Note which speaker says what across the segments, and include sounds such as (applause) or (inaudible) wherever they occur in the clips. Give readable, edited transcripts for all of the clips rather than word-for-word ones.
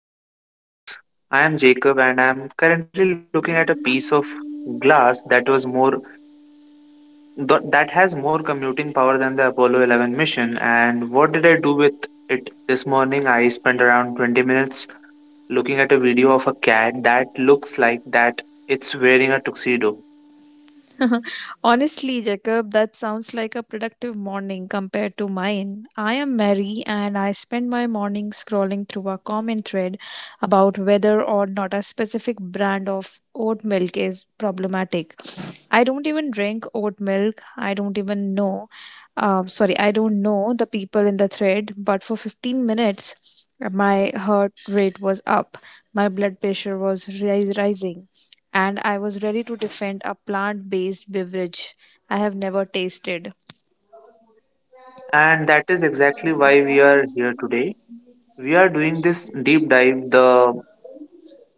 Speaker 1: The Digital Paradox. I am Jacob and I am currently looking at a piece of glass that was more that has more commuting power than the Apollo 11 mission. And what did I do with it this morning? I spent around 20 minutes looking at a video of a cat that looks like that it's wearing a tuxedo.
Speaker 2: Honestly, Jacob, that sounds like a productive morning compared to mine. I am Mary and I spend my morning scrolling through a comment thread about whether or not a specific brand of oat milk is problematic. I don't even drink oat milk. I don't even know. Sorry, I don't know the people in the thread, but for 15 minutes, my heart rate was up. My blood pressure was rising, and I was ready to defend a plant based beverage I have never tasted.
Speaker 1: And that is exactly why we are here today. We are doing this deep dive, the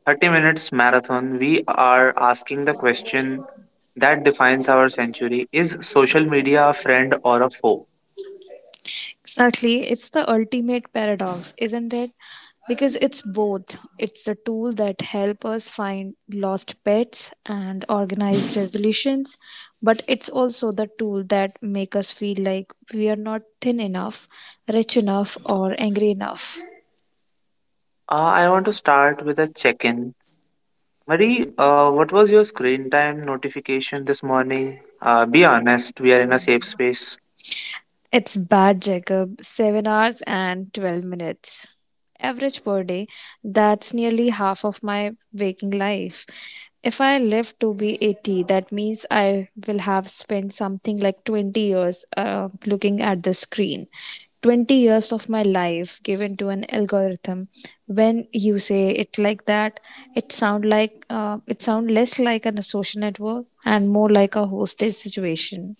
Speaker 1: 30 minutes marathon. We are asking the question that defines our century: is social media a friend or a foe?
Speaker 2: Exactly, it's the ultimate paradox, isn't it? Because it's both. It's the tool that help us find lost pets and organize revolutions, but it's also the tool that make us feel like we are not thin enough, rich enough, or angry enough.
Speaker 1: I want to start with a check in. Marie, what was your screen time notification this morning? Be honest, we are in a safe space.
Speaker 2: It's bad, Jacob. 7 hours and 12 minutes. Average per day. That's nearly half of my waking life. If I live to be 80, that means I will have spent something like 20 years looking at the screen. 20 years of my life given to an algorithm. When you say it like that, it sound less like a social network and more like a hostage situation.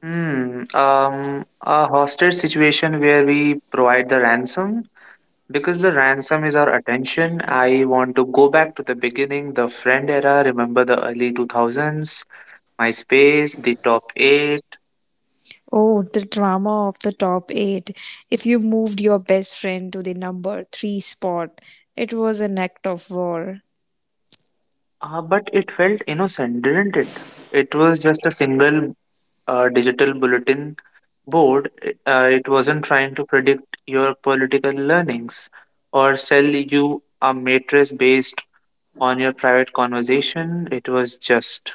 Speaker 1: A hostage situation where we provide the ransom. Because the ransom is our attention, I want to go back to the beginning, the friend era. Remember the early 2000s? MySpace, the top eight,
Speaker 2: Oh, the drama of the top eight. If you moved your best friend to the number three spot, it was an act of war.
Speaker 1: but it felt innocent, didn't it? It was just a single digital bulletin board. It wasn't trying to predict your political learnings or sell you a matrix based on your private conversation. It was just,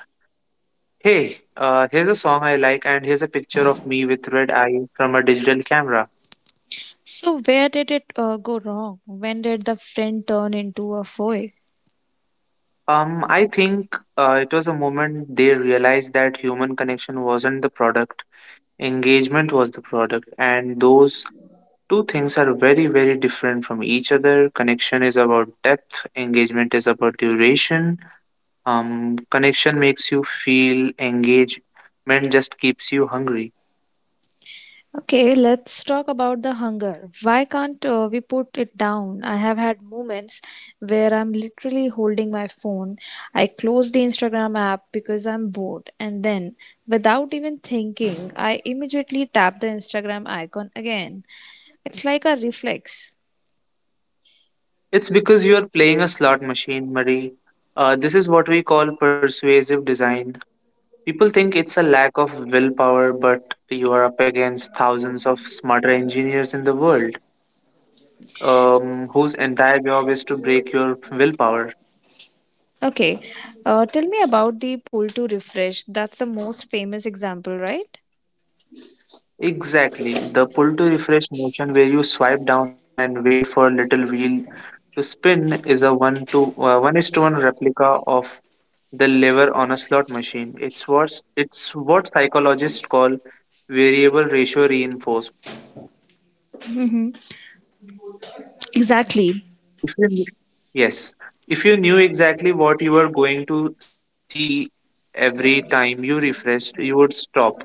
Speaker 1: hey, here's a song I like, and here's a picture of me with red eye from a digital camera.
Speaker 2: So, where did it go wrong? When did the friend turn into a foe?
Speaker 1: I think it was a moment they realized that human connection wasn't the product, engagement was the product, and those two things are very very different from each other. Connection is about depth, engagement is about duration. Connection makes you feel, engagement just keeps you hungry.
Speaker 2: Okay, let's talk about the hunger. Why can't we put it down? I have had moments where I'm literally holding my phone. I close the Instagram app because I'm bored, and then, without even thinking, I immediately tap the Instagram icon again. It's like a reflex.
Speaker 1: It's because you are playing a slot machine, Marie. This is what we call persuasive design. People think it's a lack of willpower, but you are up against thousands of smarter engineers in the world whose entire job is to break your willpower.
Speaker 2: Okay, tell me about the pull to refresh. That's the most famous example, right?
Speaker 1: Exactly, the pull to refresh motion where you swipe down and wait for little wheel to spin is a one is to one replica of the lever on a slot machine. It's what psychologists call variable ratio reinforcement.
Speaker 2: Mm-hmm. Exactly.
Speaker 1: If you kn- Yes, if you knew exactly what you were going to see every time you refreshed, you would stop.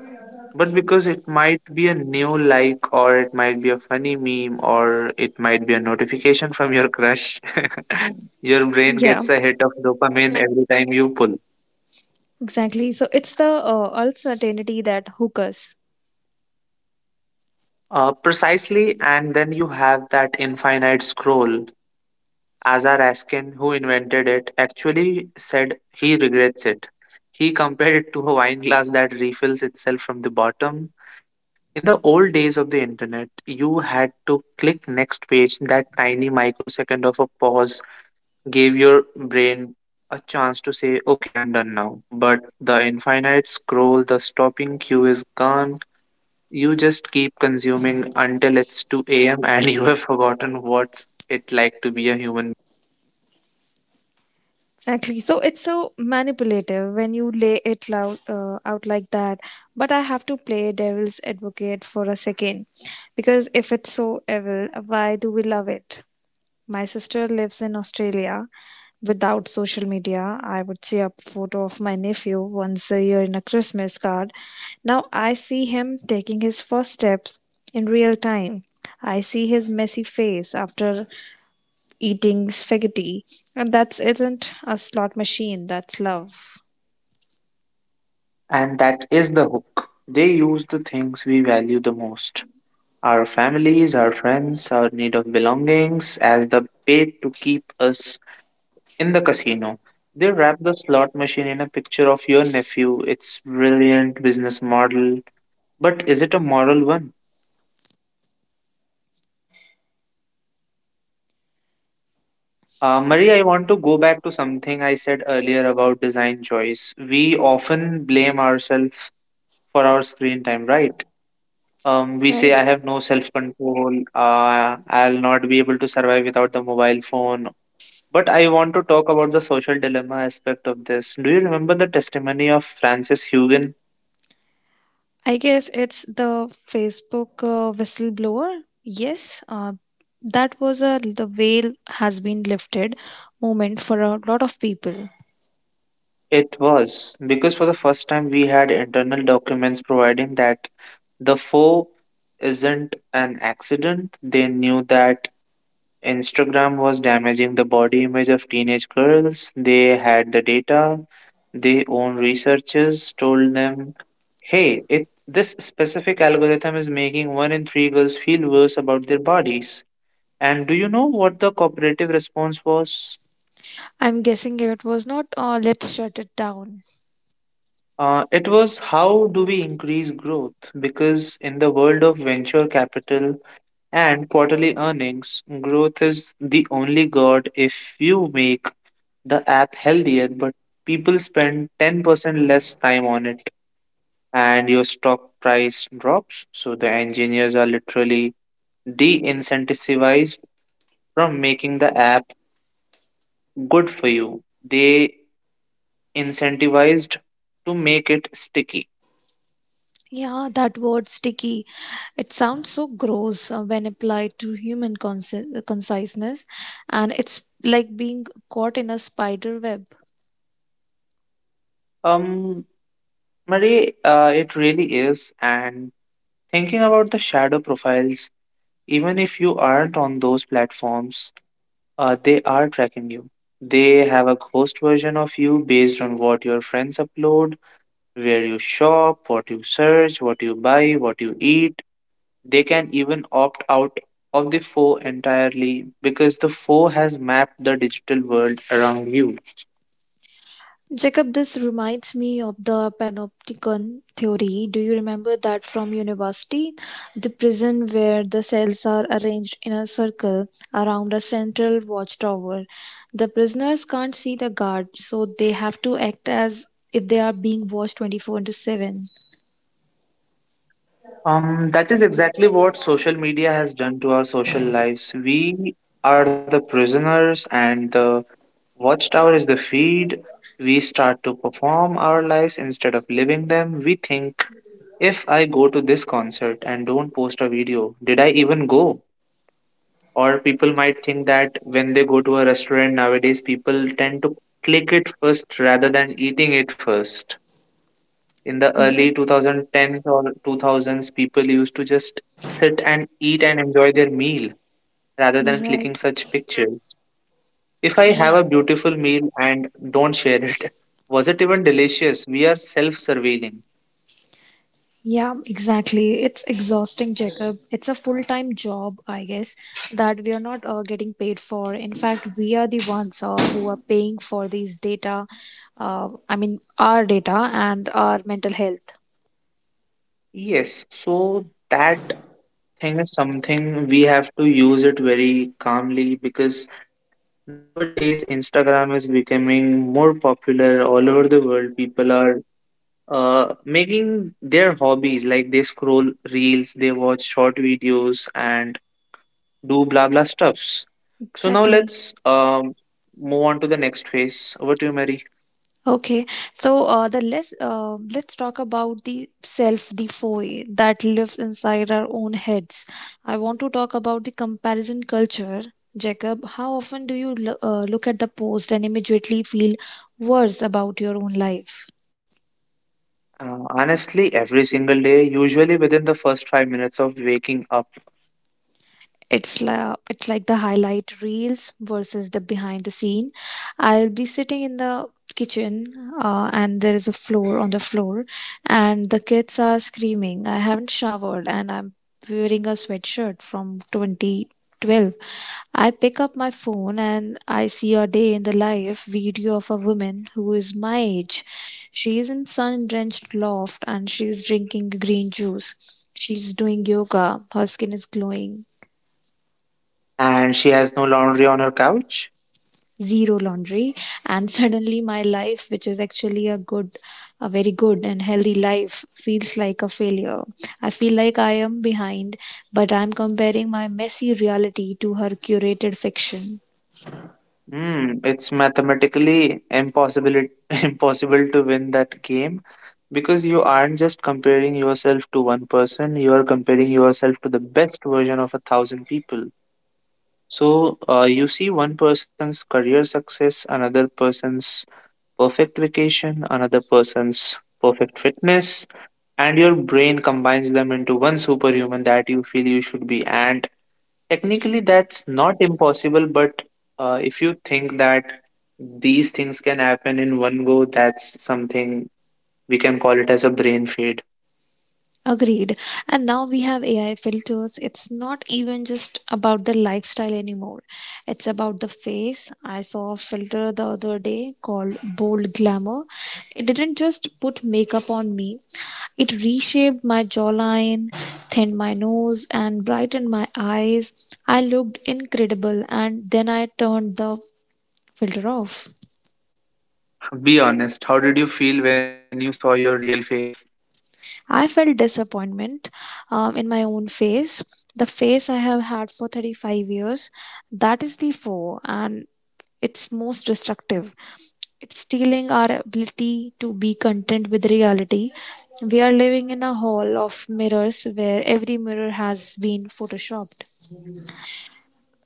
Speaker 1: But because it might be a new like, or it might be funny meme, or it might be a notification from your crush, (laughs) your brain
Speaker 2: Yeah,
Speaker 1: gets a hit of dopamine every time you pull.
Speaker 2: exactly. So it's the uncertainty that hook us.
Speaker 1: Precisely, and then you have that infinite scroll. Azar Askin, who invented it, actually said he regrets it. He compared it to a wine glass that refills itself from the bottom. In the old days of the internet, you had to click next page. That tiny microsecond of a pause gave your brain a chance to say, okay, I'm done now. But the infinite scroll, the stopping cue is gone. You just keep consuming until it's 2 a.m. (laughs) and you have forgotten what's it like to be a human.
Speaker 2: Exactly. So it's so manipulative when you lay it loud, out like that. But I have to play devil's advocate for a second. Because if it's so evil, why do we love it? My sister lives in Australia. Without social media, I would see a photo of my nephew once a year in a Christmas card. Now I see him taking his first steps in real time. I see his messy face after eating spaghetti. And that isn't a slot machine, that's love,
Speaker 1: And that is the hook. They use the things we value the most, our families, our friends, our need of belongings, as the bait to keep us in the casino. They wrap the slot machine in a picture of your nephew. It's brilliant business model, but is it a moral one? Marie, I want to go back to something I said earlier about design choice. We often blame ourselves for our screen time, right? We say, I
Speaker 2: right?
Speaker 1: have no self control, I'll not be able to survive without the mobile phone. But I want to talk about the social dilemma aspect of this. Do you remember the testimony of Francis Haugen?
Speaker 2: I guess it's the Facebook whistleblower. Yes, that was a the veil has been lifted moment for a lot of people.
Speaker 1: It was because for the first time we had internal documents providing that the foe isn't an accident. They knew that Instagram was damaging the body image of teenage girls. They had the data. Their own researchers told them, hey, it, this specific algorithm is making one in three girls feel worse about their bodies. And do you know what the cooperative response was?
Speaker 2: I'm guessing it was not let's shut it down.
Speaker 1: It was, how do we increase growth? Because in the world of venture capital and quarterly earnings, growth is the only god. If you make the app healthier, but people spend 10% less time on it and your stock price drops. So the engineers are literally de incentivized from making the app good for you, they incentivized to make it sticky.
Speaker 2: Yeah, that word sticky. It sounds so gross when applied to human conciseness, and it's like being caught in a spider web.
Speaker 1: Um, Marie, it really is. And thinking about the shadow profiles, even if you aren't on those platforms, they are tracking you. They have a ghost version of you based on what your friends upload, where you shop, what you search, what you buy, what you eat. They can even opt out of the foe entirely because the foe has mapped the digital world around you.
Speaker 2: Jacob, this reminds me of the panopticon theory. Do you remember that from university? The prison where the cells are arranged in a circle around a central watchtower. The prisoners can't see the guard, so they have to act as if they are being watched 24 into 7.
Speaker 1: That is exactly what social media has done to our social lives. We are the prisoners, and the watchtower is the feed. We start to perform our lives instead of living them. We think, if I go to this concert and don't post a video, did I even go? Or people might think that when they go to a restaurant nowadays, people tend to click it first rather than eating it first. In the
Speaker 2: Ri-
Speaker 1: early 2010s or 2000s, people used to just sit and eat and enjoy their meal rather than clicking
Speaker 2: Right.
Speaker 1: such pictures. If I have a beautiful meal and don't share it, (laughs) was it even delicious? We are self surveilling.
Speaker 2: Yeah, exactly. It's exhausting, Jacob. It's a full time job, I guess, that we are not getting paid for. In fact, we are the ones who are paying for these data, I mean, our data and our mental health.
Speaker 1: Yes, so that thing is something we have to use it very calmly because nowadays Instagram is becoming more popular all over the world. People are making their hobbies like they scroll reels, they watch short videos, and do blah blah stuffs. So now
Speaker 2: Exactly.
Speaker 1: let's move on to the next phase. Over to you, Mary.
Speaker 2: Okay, so the less let's talk about the self, the foe that lives inside our own heads. I want to talk about the comparison culture. Jacob, how often do you look at the post and immediately feel worse about your own life?
Speaker 1: Honestly, every single day, usually within the first 5 minutes of waking up,
Speaker 2: It's like the highlight reels versus the behind the scene. I'll be sitting in the kitchen and there is a floor on the floor and the kids are screaming. I haven't showered and I'm wearing a sweatshirt from 2012. I pick up my phone and I see a day in the life video of a woman who is my age. She is in sun-drenched loft and she is drinking green juice. She's doing yoga. Her skin is glowing.
Speaker 1: and she has no laundry on her couch.
Speaker 2: Zero laundry, and suddenly my life, which is actually a very good and healthy life, feels like a failure. I feel like I am behind, but I'm comparing my messy reality to her curated fiction.
Speaker 1: Hmm, it's mathematically impossible (laughs) impossible to win that game because you aren't just comparing yourself to one person, you are comparing yourself to the best version of a thousand people. So, you see one person's career success, another person's perfect vacation, another person's perfect fitness, and your brain combines them into one superhuman that you feel you should be. And technically, that's not impossible, but if you think that these things can happen in one go, that's something we can call it as a brain fade.
Speaker 2: Agreed. And now we have AI filters. It's not even just about the lifestyle anymore. It's about the face. I saw a filter the other day called Bold Glamour. It didn't just put makeup on me, it reshaped my jawline, thinned my nose, and brightened my eyes. I looked incredible, and then I turned the filter off.
Speaker 1: Be honest, how did you feel when you saw your real face?
Speaker 2: I felt disappointment in my own face, the face I have had for 35 years. That is the foe, and it's most destructive. It's stealing our ability to be content with reality. We are living in a hall of mirrors where every mirror has been photoshopped.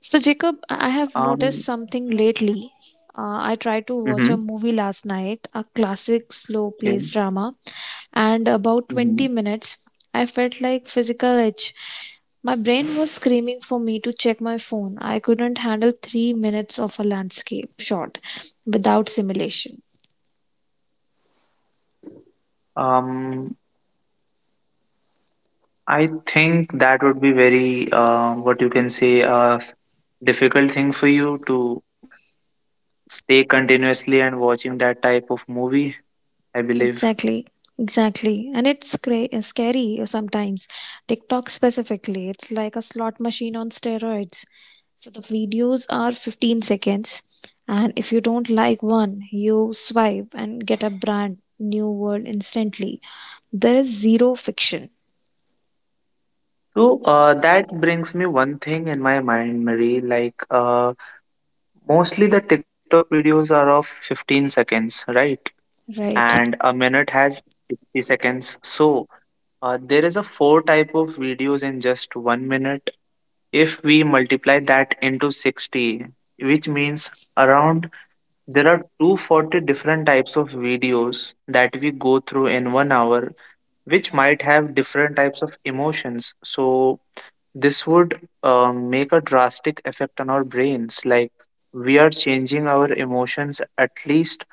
Speaker 2: So, Jacob, I have
Speaker 1: Um,
Speaker 2: noticed something lately. I tried to watch a
Speaker 1: Mm-hmm.
Speaker 2: movie last night, a classic slow
Speaker 1: Okay.
Speaker 2: paced drama, and about
Speaker 1: Mm-hmm.
Speaker 2: 20 minutes, I felt like physical itch. My brain was screaming for me to check my phone. I couldn't handle 3 minutes of a landscape shot without simulation.
Speaker 1: Um, I think that would be very, what you can say, s- difficult thing for you to stay continuously and watching that type of movie, I believe.
Speaker 2: Exactly, exactly. And it's scary sometimes. TikTok specifically, it's like a slot machine on steroids. So the videos are 15 seconds. And if you don't like one, you swipe and get a brand new word instantly. There is zero fiction.
Speaker 1: So that brings me one thing in my mind, Marie. Mostly the TikTok videos are of 15 seconds, right?
Speaker 2: Right,
Speaker 1: And a minute has 60 seconds. So there is a four type of videos in just 1 minute. If we multiply that into 60, which means around there are 240 different types of videos that we go through in 1 hour, which might have different types of emotions. So this would make a drastic effect on our brains like we are changing our emotions at least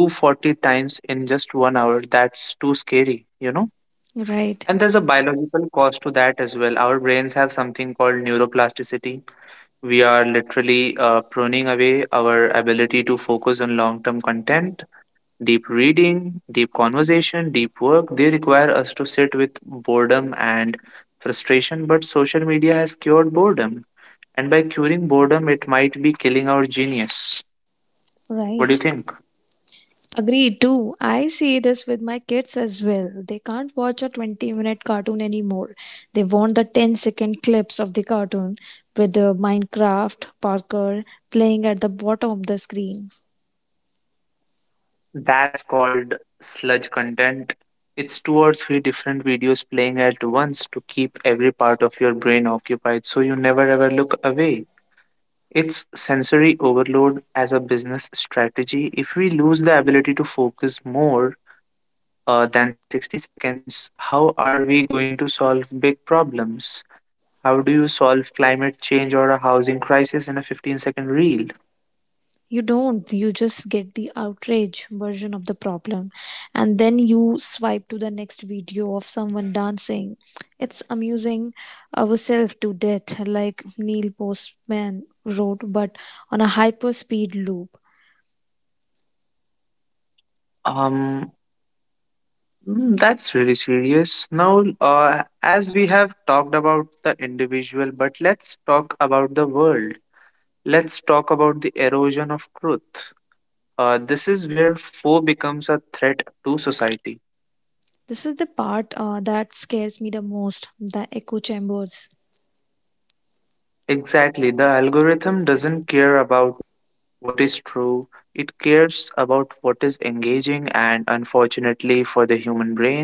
Speaker 1: 240 times in just 1 hour. That's too scary, you know.
Speaker 2: right,
Speaker 1: And there's a biological cost to that as well. Our brains have something called neuroplasticity. We are literally pruning away our ability to focus on long term content. Deep reading, deep conversation, deep work, they require us to sit with boredom and frustration, but social media has cured boredom, and by curing boredom, it might be killing our genius. What do you
Speaker 2: right.
Speaker 1: think?
Speaker 2: Agreed too. I see this with my kids as well. They can't watch a 20-minute cartoon anymore. They want the 10-second clips of the cartoon with the Minecraft Parker playing at the bottom of the screen.
Speaker 1: That's called sludge content. It's two or three different videos playing at once to keep every part of your brain occupied so you never ever look away. It's sensory overload as a business strategy. If we lose the ability to focus more than 60 seconds, how are we going to solve big problems? How do you solve climate change or a housing crisis in a 15-second reel?
Speaker 2: You don't, you just get the outrage version of the problem and then you swipe to the next video of someone dancing. It's amusing ourselves to death, like Neil Postman wrote, but on a hyper speed loop.
Speaker 1: Um, That's really serious. Now, as we have talked about the individual, but let's talk about the world. Let's talk about the erosion of truth. This is where foe becomes a threat to society.
Speaker 2: This is the part that scares me the most, the echo chambers.
Speaker 1: Exactly. The algorithm doesn't care about what is true, it cares about what is engaging, and unfortunately for the human brain,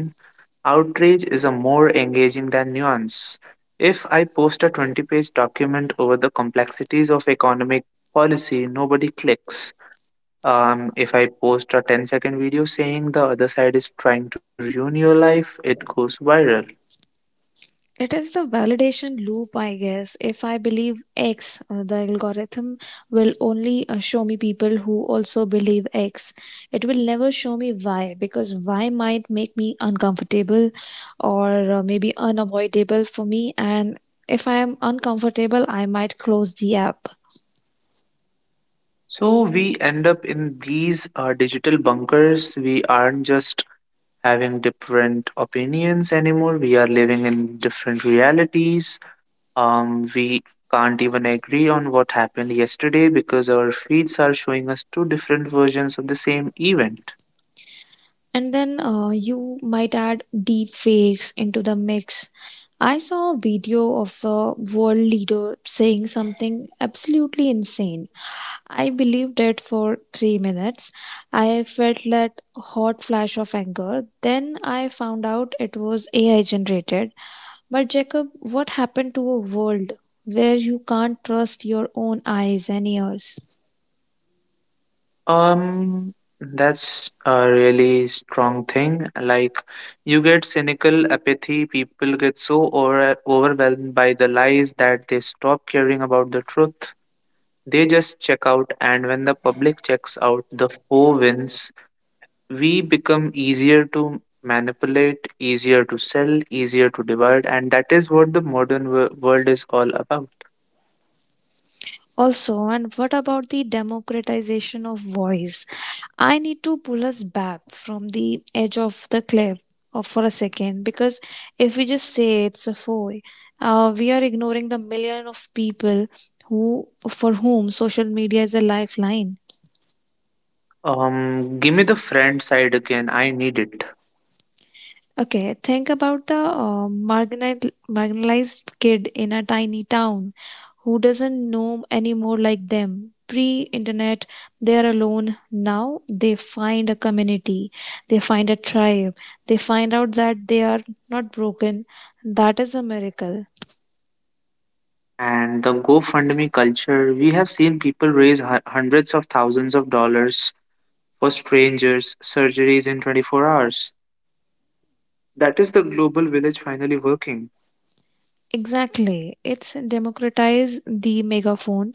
Speaker 1: outrage is a more engaging than nuance. If I post a 20-page document over the complexities of economic policy, nobody clicks. If I post a ten-second video saying the other side is trying to ruin your life, it goes viral.
Speaker 2: It is the validation loop, I guess. If I believe X, the algorithm will only show me people who also believe X. It will never show me Y because Y might make me uncomfortable or maybe unavoidable for me. And if I am uncomfortable, I might close the app.
Speaker 1: So we end up in these digital bunkers. We aren't just having different opinions anymore, we living in different realities. We can't even agree on what happened yesterday because our feeds are showing us two different versions of the same event.
Speaker 2: And then you might add deep fakes into the mix. I saw a video of a world leader saying something absolutely insane. I believed it for 3 minutes. I felt that hot flash of anger. Then I found out it was AI generated. But, Jacob, what happened to a world where you can't trust your own eyes and ears?
Speaker 1: Um, that's a really strong thing. Like, you get cynical apathy, people get overwhelmed by the lies that they stop caring about the truth. They just check out, and when the public checks out, the foe wins. We become easier to manipulate, easier to sell, easier to divide, and that is what the modern world is all about.
Speaker 2: Also, and what about the democratization of voice? I need to pull us back from the edge of the cliff or for a second, because if we just say it's a foy, we are ignoring the million of people who for whom social media is a lifeline.
Speaker 1: Give me the friend side again, I need it.
Speaker 2: Okay, think about the marginalized kid in a tiny town who doesn't know any more like them. Pre internet, they're alone. Now they find a community, they find a tribe, they find out that they are not broken. That is a miracle.
Speaker 1: And the GoFundMe culture, we have seen people raise hundreds of thousands of dollars for strangers, surgeries in 24 hours. That is the global village finally working.
Speaker 2: Exactly. It's democratize the megaphone.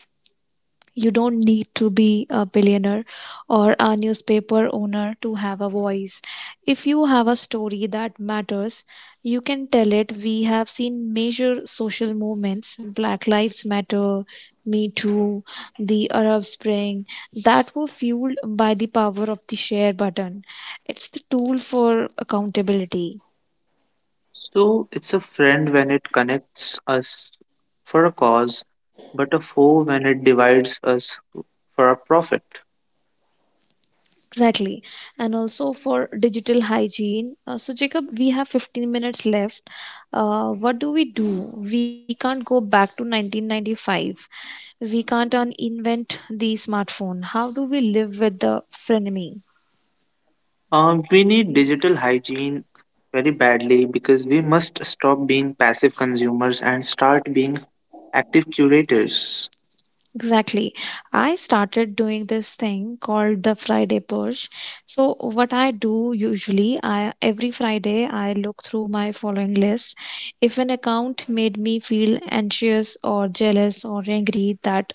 Speaker 2: You don't need to be a billionaire or a newspaper owner to have a voice. If you have a story that matters, you can tell it. We have seen major social movements, Black Lives Matter, Me Too, the Arab Spring, that were fueled by the power of the share button. It's the tool for accountability.
Speaker 1: So it's a friend when it connects us for a cause, but a foe when it divides us for a profit.
Speaker 2: Exactly. And also for digital hygiene. So, Jacob, we have 15 minutes left. What do? We can't go back to 1995. We can't invent the smartphone. How do we live with the frenemy?
Speaker 1: We need digital hygiene very badly because we must stop being passive consumers and start being active curators.
Speaker 2: Exactly. I started doing this thing called the Friday purge. So what I do usually, I every Friday I look through my following list. If an account made me feel anxious or jealous or angry that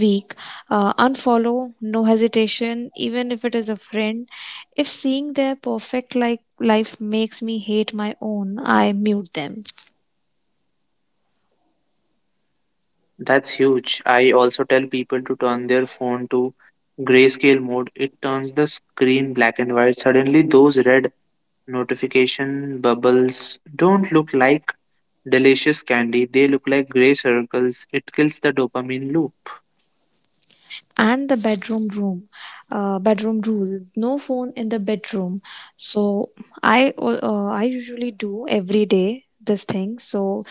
Speaker 2: week, unfollow, no hesitation, even if it is a friend. If seeing their perfect like life makes me hate my own, I mute them.
Speaker 1: That's huge. I also tell people to turn their phone to grayscale mode. It turns the screen black and white. Suddenly, those red notification bubbles don't look like delicious candy, they look like gray circles. It kills the dopamine loop.
Speaker 2: And the bedroom rule: no phone in the bedroom. So I usually do every day this thing. So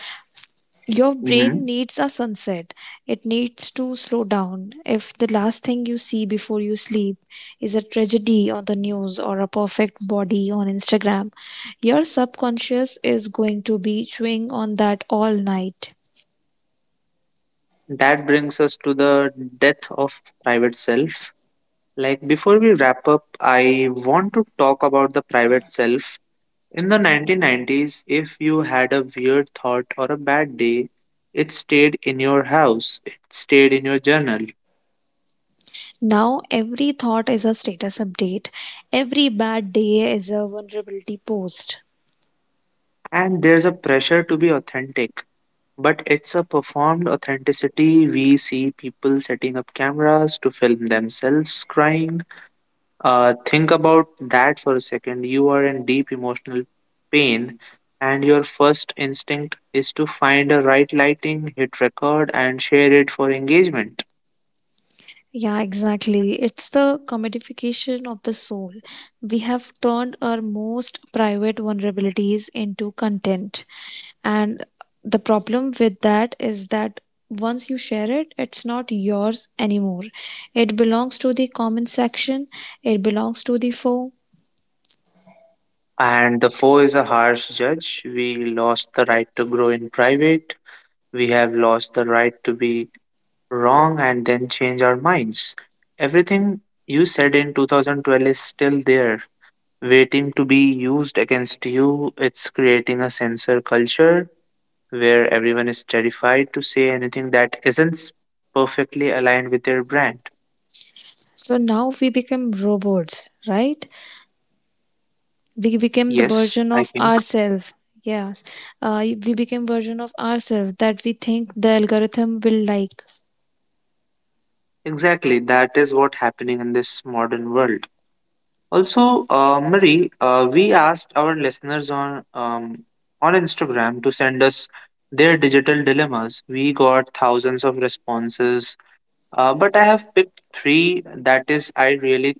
Speaker 2: your brain
Speaker 1: Mhm.
Speaker 2: needs a sunset. It needs to slow down. If the last thing you see before you sleep is a tragedy on the news or a perfect body on Instagram, your subconscious is going to be chewing on that all night.
Speaker 1: That brings us to the death of private self. Like, before we wrap up, I want to talk about the private self. In the 1990s, if you had a weird thought or a bad day, it stayed in your house, it stayed in your journal.
Speaker 2: Now, every thought is a status update. Every bad day is a vulnerability post.
Speaker 1: And there's a pressure to be authentic, but it's a performed authenticity. We see people setting up cameras to film themselves crying. Think about that for a second. You are in deep emotional pain, and your first instinct is to find a right lighting, hit record, and share it for engagement.
Speaker 2: Yeah, exactly. It's the commodification of the soul. We have turned our most private vulnerabilities into content. And the problem with that is that once you share it, it's not yours anymore. It belongs to the comment section, it belongs to the foe.
Speaker 1: And the foe is a harsh judge. We lost the right to grow in private. We have lost the right to be wrong and then change our minds. Everything you said in 2012 is still there, waiting to be used against you. It's creating a censor culture where everyone is terrified to say anything that isn't perfectly aligned with their brand.
Speaker 2: So now we become robots, right? We became the
Speaker 1: Yes,
Speaker 2: version
Speaker 1: I
Speaker 2: of
Speaker 1: think
Speaker 2: ourselves. Yes, we became version of ourselves that we think the algorithm will like.
Speaker 1: exactly that is what's happening in this modern world. Also, Marie, we asked our listeners on Instagram to send us their digital dilemmas. We got thousands of responses, but I have picked three that is I really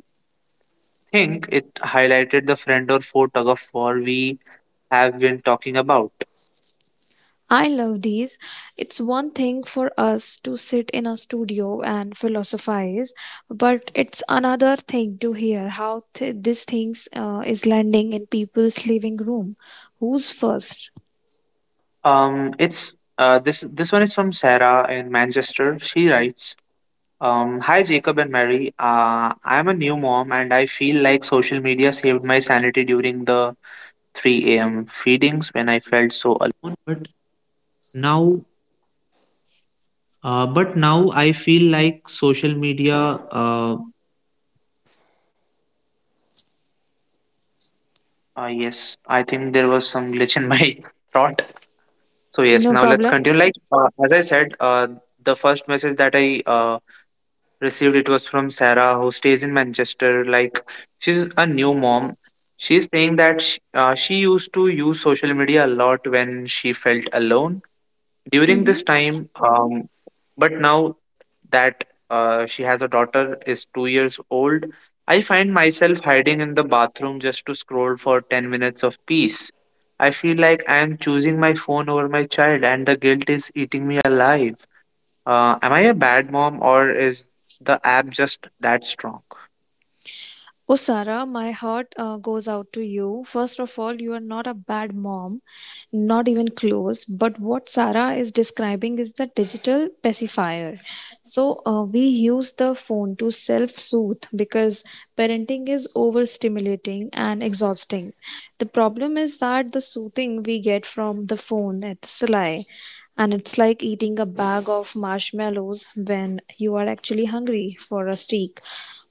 Speaker 1: think it highlighted the friend or foe tug of war we have been talking about.
Speaker 2: I love these. It's one thing for us to sit in a studio and philosophize, but it's another thing to hear how this things is landing in people's living room. Who's first?
Speaker 1: It's this this one is from Sarah in Manchester. She writes, "Hi Jacob and Mary. I'm a new mom, and I feel like social media saved my sanity during the 3 a.m. feedings when I..." Yes, I think there was some glitch in my (laughs) thought. So
Speaker 2: No
Speaker 1: yes, now let's
Speaker 2: problem.
Speaker 1: continue. Like as I said, the first message that I received it was from Sarah, who stays in Manchester. Like, she's a new mom. She's saying that sh she used to use social media a lot when she felt alone during this
Speaker 2: Mm-hmm.
Speaker 1: time, but now that she has a daughter is 2 years old. I find myself hiding in the bathroom just to scroll for 10 minutes of peace. I feel like I am choosing my phone over my child and the guilt is eating me alive. Am I a bad mom, or is the app just that strong?
Speaker 2: Oh, Sarah, my heart goes out to you. First of all, you are not a bad mom. Not even close. But what Sarah is describing is the digital pacifier. So we use the phone to self soothe because parenting is overstimulating and exhausting. The problem is that the soothing we get from the phone, it's a lie. And it's like eating a bag of marshmallows when you are actually hungry for a steak.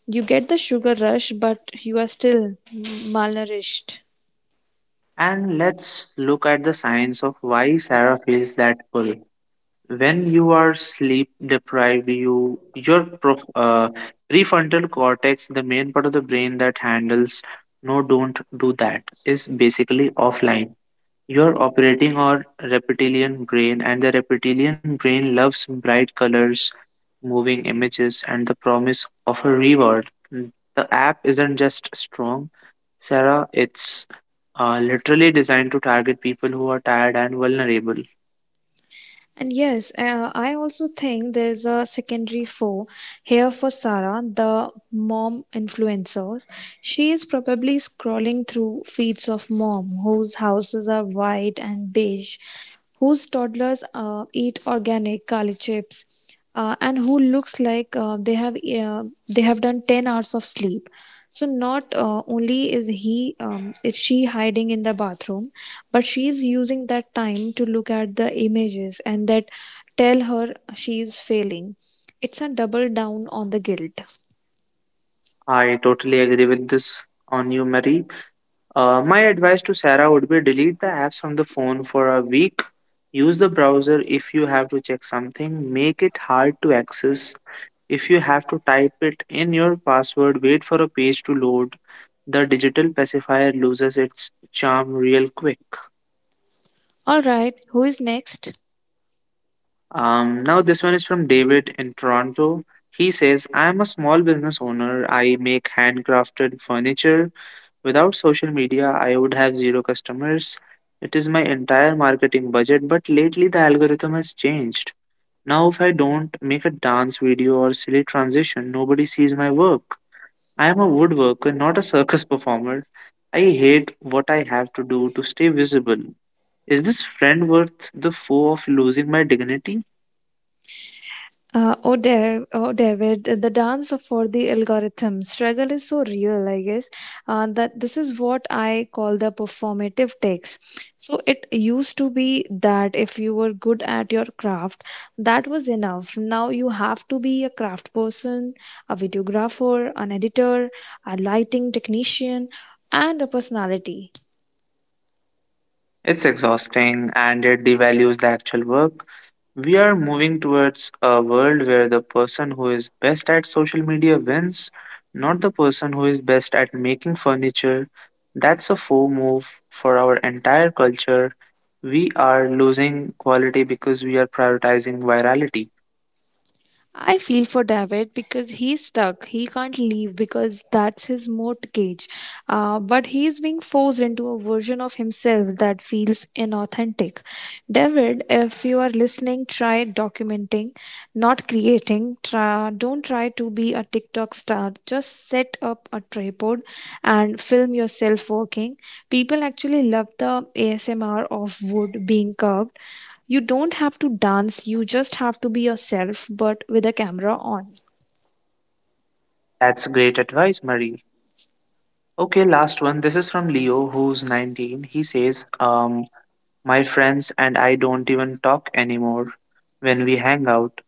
Speaker 2: You get the sugar rush, but you are still malnourished.
Speaker 1: And let's look at the science of why Sarah feels that pull. When you are sleep deprived, your prefrontal cortex, the main part of the brain that handles no don't do that, is basically offline. You're operating on reptilian brain, and the reptilian brain loves bright colors, moving images, and the promise of a reward. The app isn't just strong, Sarah, it's literally designed to target people who are tired and vulnerable.
Speaker 2: And yes, I also think there's a secondary foe here for Sarah, the mom influencer. She is probably scrolling through feeds of mom whose houses are white and beige, whose toddlers eat organic kali chips, and who looks like they have done 10 hours of sleep. So not only is he is she hiding in the bathroom, but she's using that time to look at the images and that tell her she's failing. It's a double down on the guilt.
Speaker 1: I totally agree with this on you, Marie. My advice to Sarah would be delete the apps from the phone for a week. Use the browser if you have to check something. Make it hard to access. If you have to type it in your password, wait for a page to load. The digital pacifier loses its charm real quick.
Speaker 2: All right, who is next?
Speaker 1: Now, this one is from David in Toronto. He says, "I am a small business owner. I make handcrafted furniture. Without social media, I would have zero customers. It is my entire marketing budget, but lately the algorithm has changed. Now, if I don't make a dance video or silly transition, nobody sees my work. I am a woodworker, not a circus (laughs) performer. I hate what I have to do to stay visible. Is this friend worth the foe of losing my dignity?"
Speaker 2: Oh, David, the for the algorithm struggle is so real, I guess. That this is what I call the performative takes. So it used to be that if you were good at your craft, that was enough. Now you have to be a craft person, a videographer, an editor, a lighting technician, and a personality.
Speaker 1: It's exhausting and it devalues the actual work. We are moving towards a world where the person who is best at social media wins, not the person who is best at making furniture. That's a faux move for our entire culture. We are losing quality because we are prioritizing virality.
Speaker 2: I feel for David because he's stuck. He can't leave because that's his mortgage. But he's being forced into a version of himself that feels inauthentic. David, if you are listening, try documenting, not creating. Try, don't try to be a TikTok star. Just set up a tripod and film yourself working. People actually love the ASMR of wood being carved. You don't have to dance, you just have to be yourself, but with a camera on.
Speaker 1: That's great advice, Marie. Okay, last one. This is from Leo, who's 19. He says, "My friends and I don't even talk anymore when we hang out.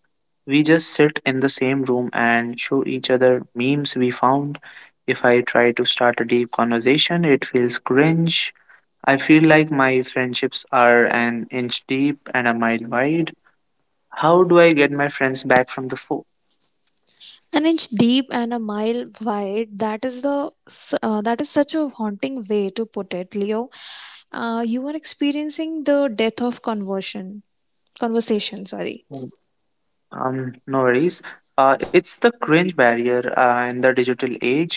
Speaker 1: We just sit in the same room and show each other memes we found. If I try to start a deep conversation, it feels cringe. I feel like my friendships are an inch deep and a mile wide. How do I get my friends back from the foe?"
Speaker 2: An inch deep and a mile wide. That is such a haunting way to put it, Leo. You are experiencing the death of conversation. Sorry.
Speaker 1: No worries. It's the cringe barrier in the digital age.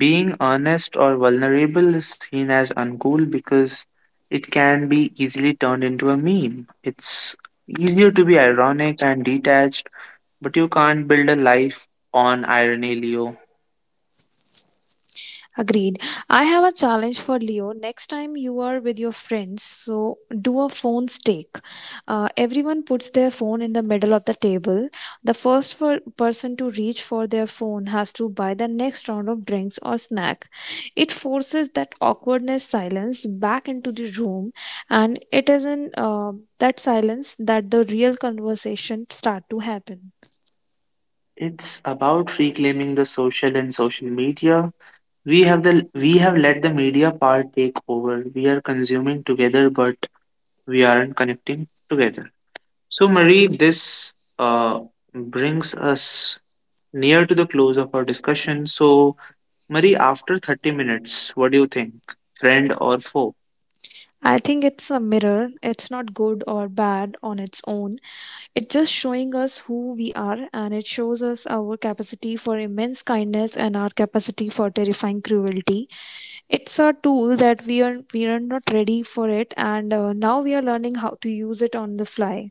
Speaker 1: Being honest or vulnerable is seen as uncool because it can be easily turned into a meme. It's easier to be ironic and detached, but you can't build a life on irony, Leo.
Speaker 2: Agreed. I have a challenge for Leo. Next time you are with your friends, so do a phone stake. Everyone puts their phone in the middle of the table. The first for person to reach for their phone has to buy the next round of drinks or snack. It forces that awkwardness silence back into the room, and it is in that silence that the real conversation start to happen.
Speaker 1: It's about reclaiming the social and social media. We have let the media part take over. We are consuming together, but we aren't connecting together. So, Marie, this uh, brings us near to the close of our discussion. So, Marie, after 30 minutes, what do you think? Friend or foe?
Speaker 2: I think it's a mirror. It's not good or bad on its own. It's just showing us who we are, and it shows us our capacity for immense kindness and our capacity for terrifying cruelty. It's a tool that we are not ready for it, and now we are learning how to use it on the fly.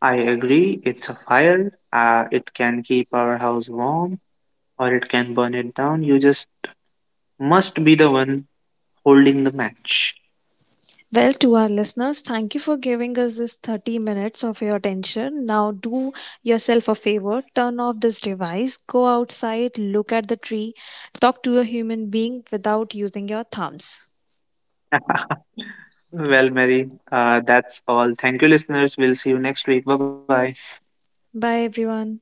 Speaker 1: I agree, it's a fire. It can keep our house warm or it can burn it down. You just must be the one holding the match.
Speaker 2: Well, to our listeners, thank you for giving us this 30 minutes of your attention. Now, do yourself a favor, turn off this device, go outside, look at the tree, talk to a human being without using your thumbs.
Speaker 1: (laughs) Well, Mary, that's all. Thank you, listeners. We'll see you next week. Bye bye.
Speaker 2: Bye, everyone.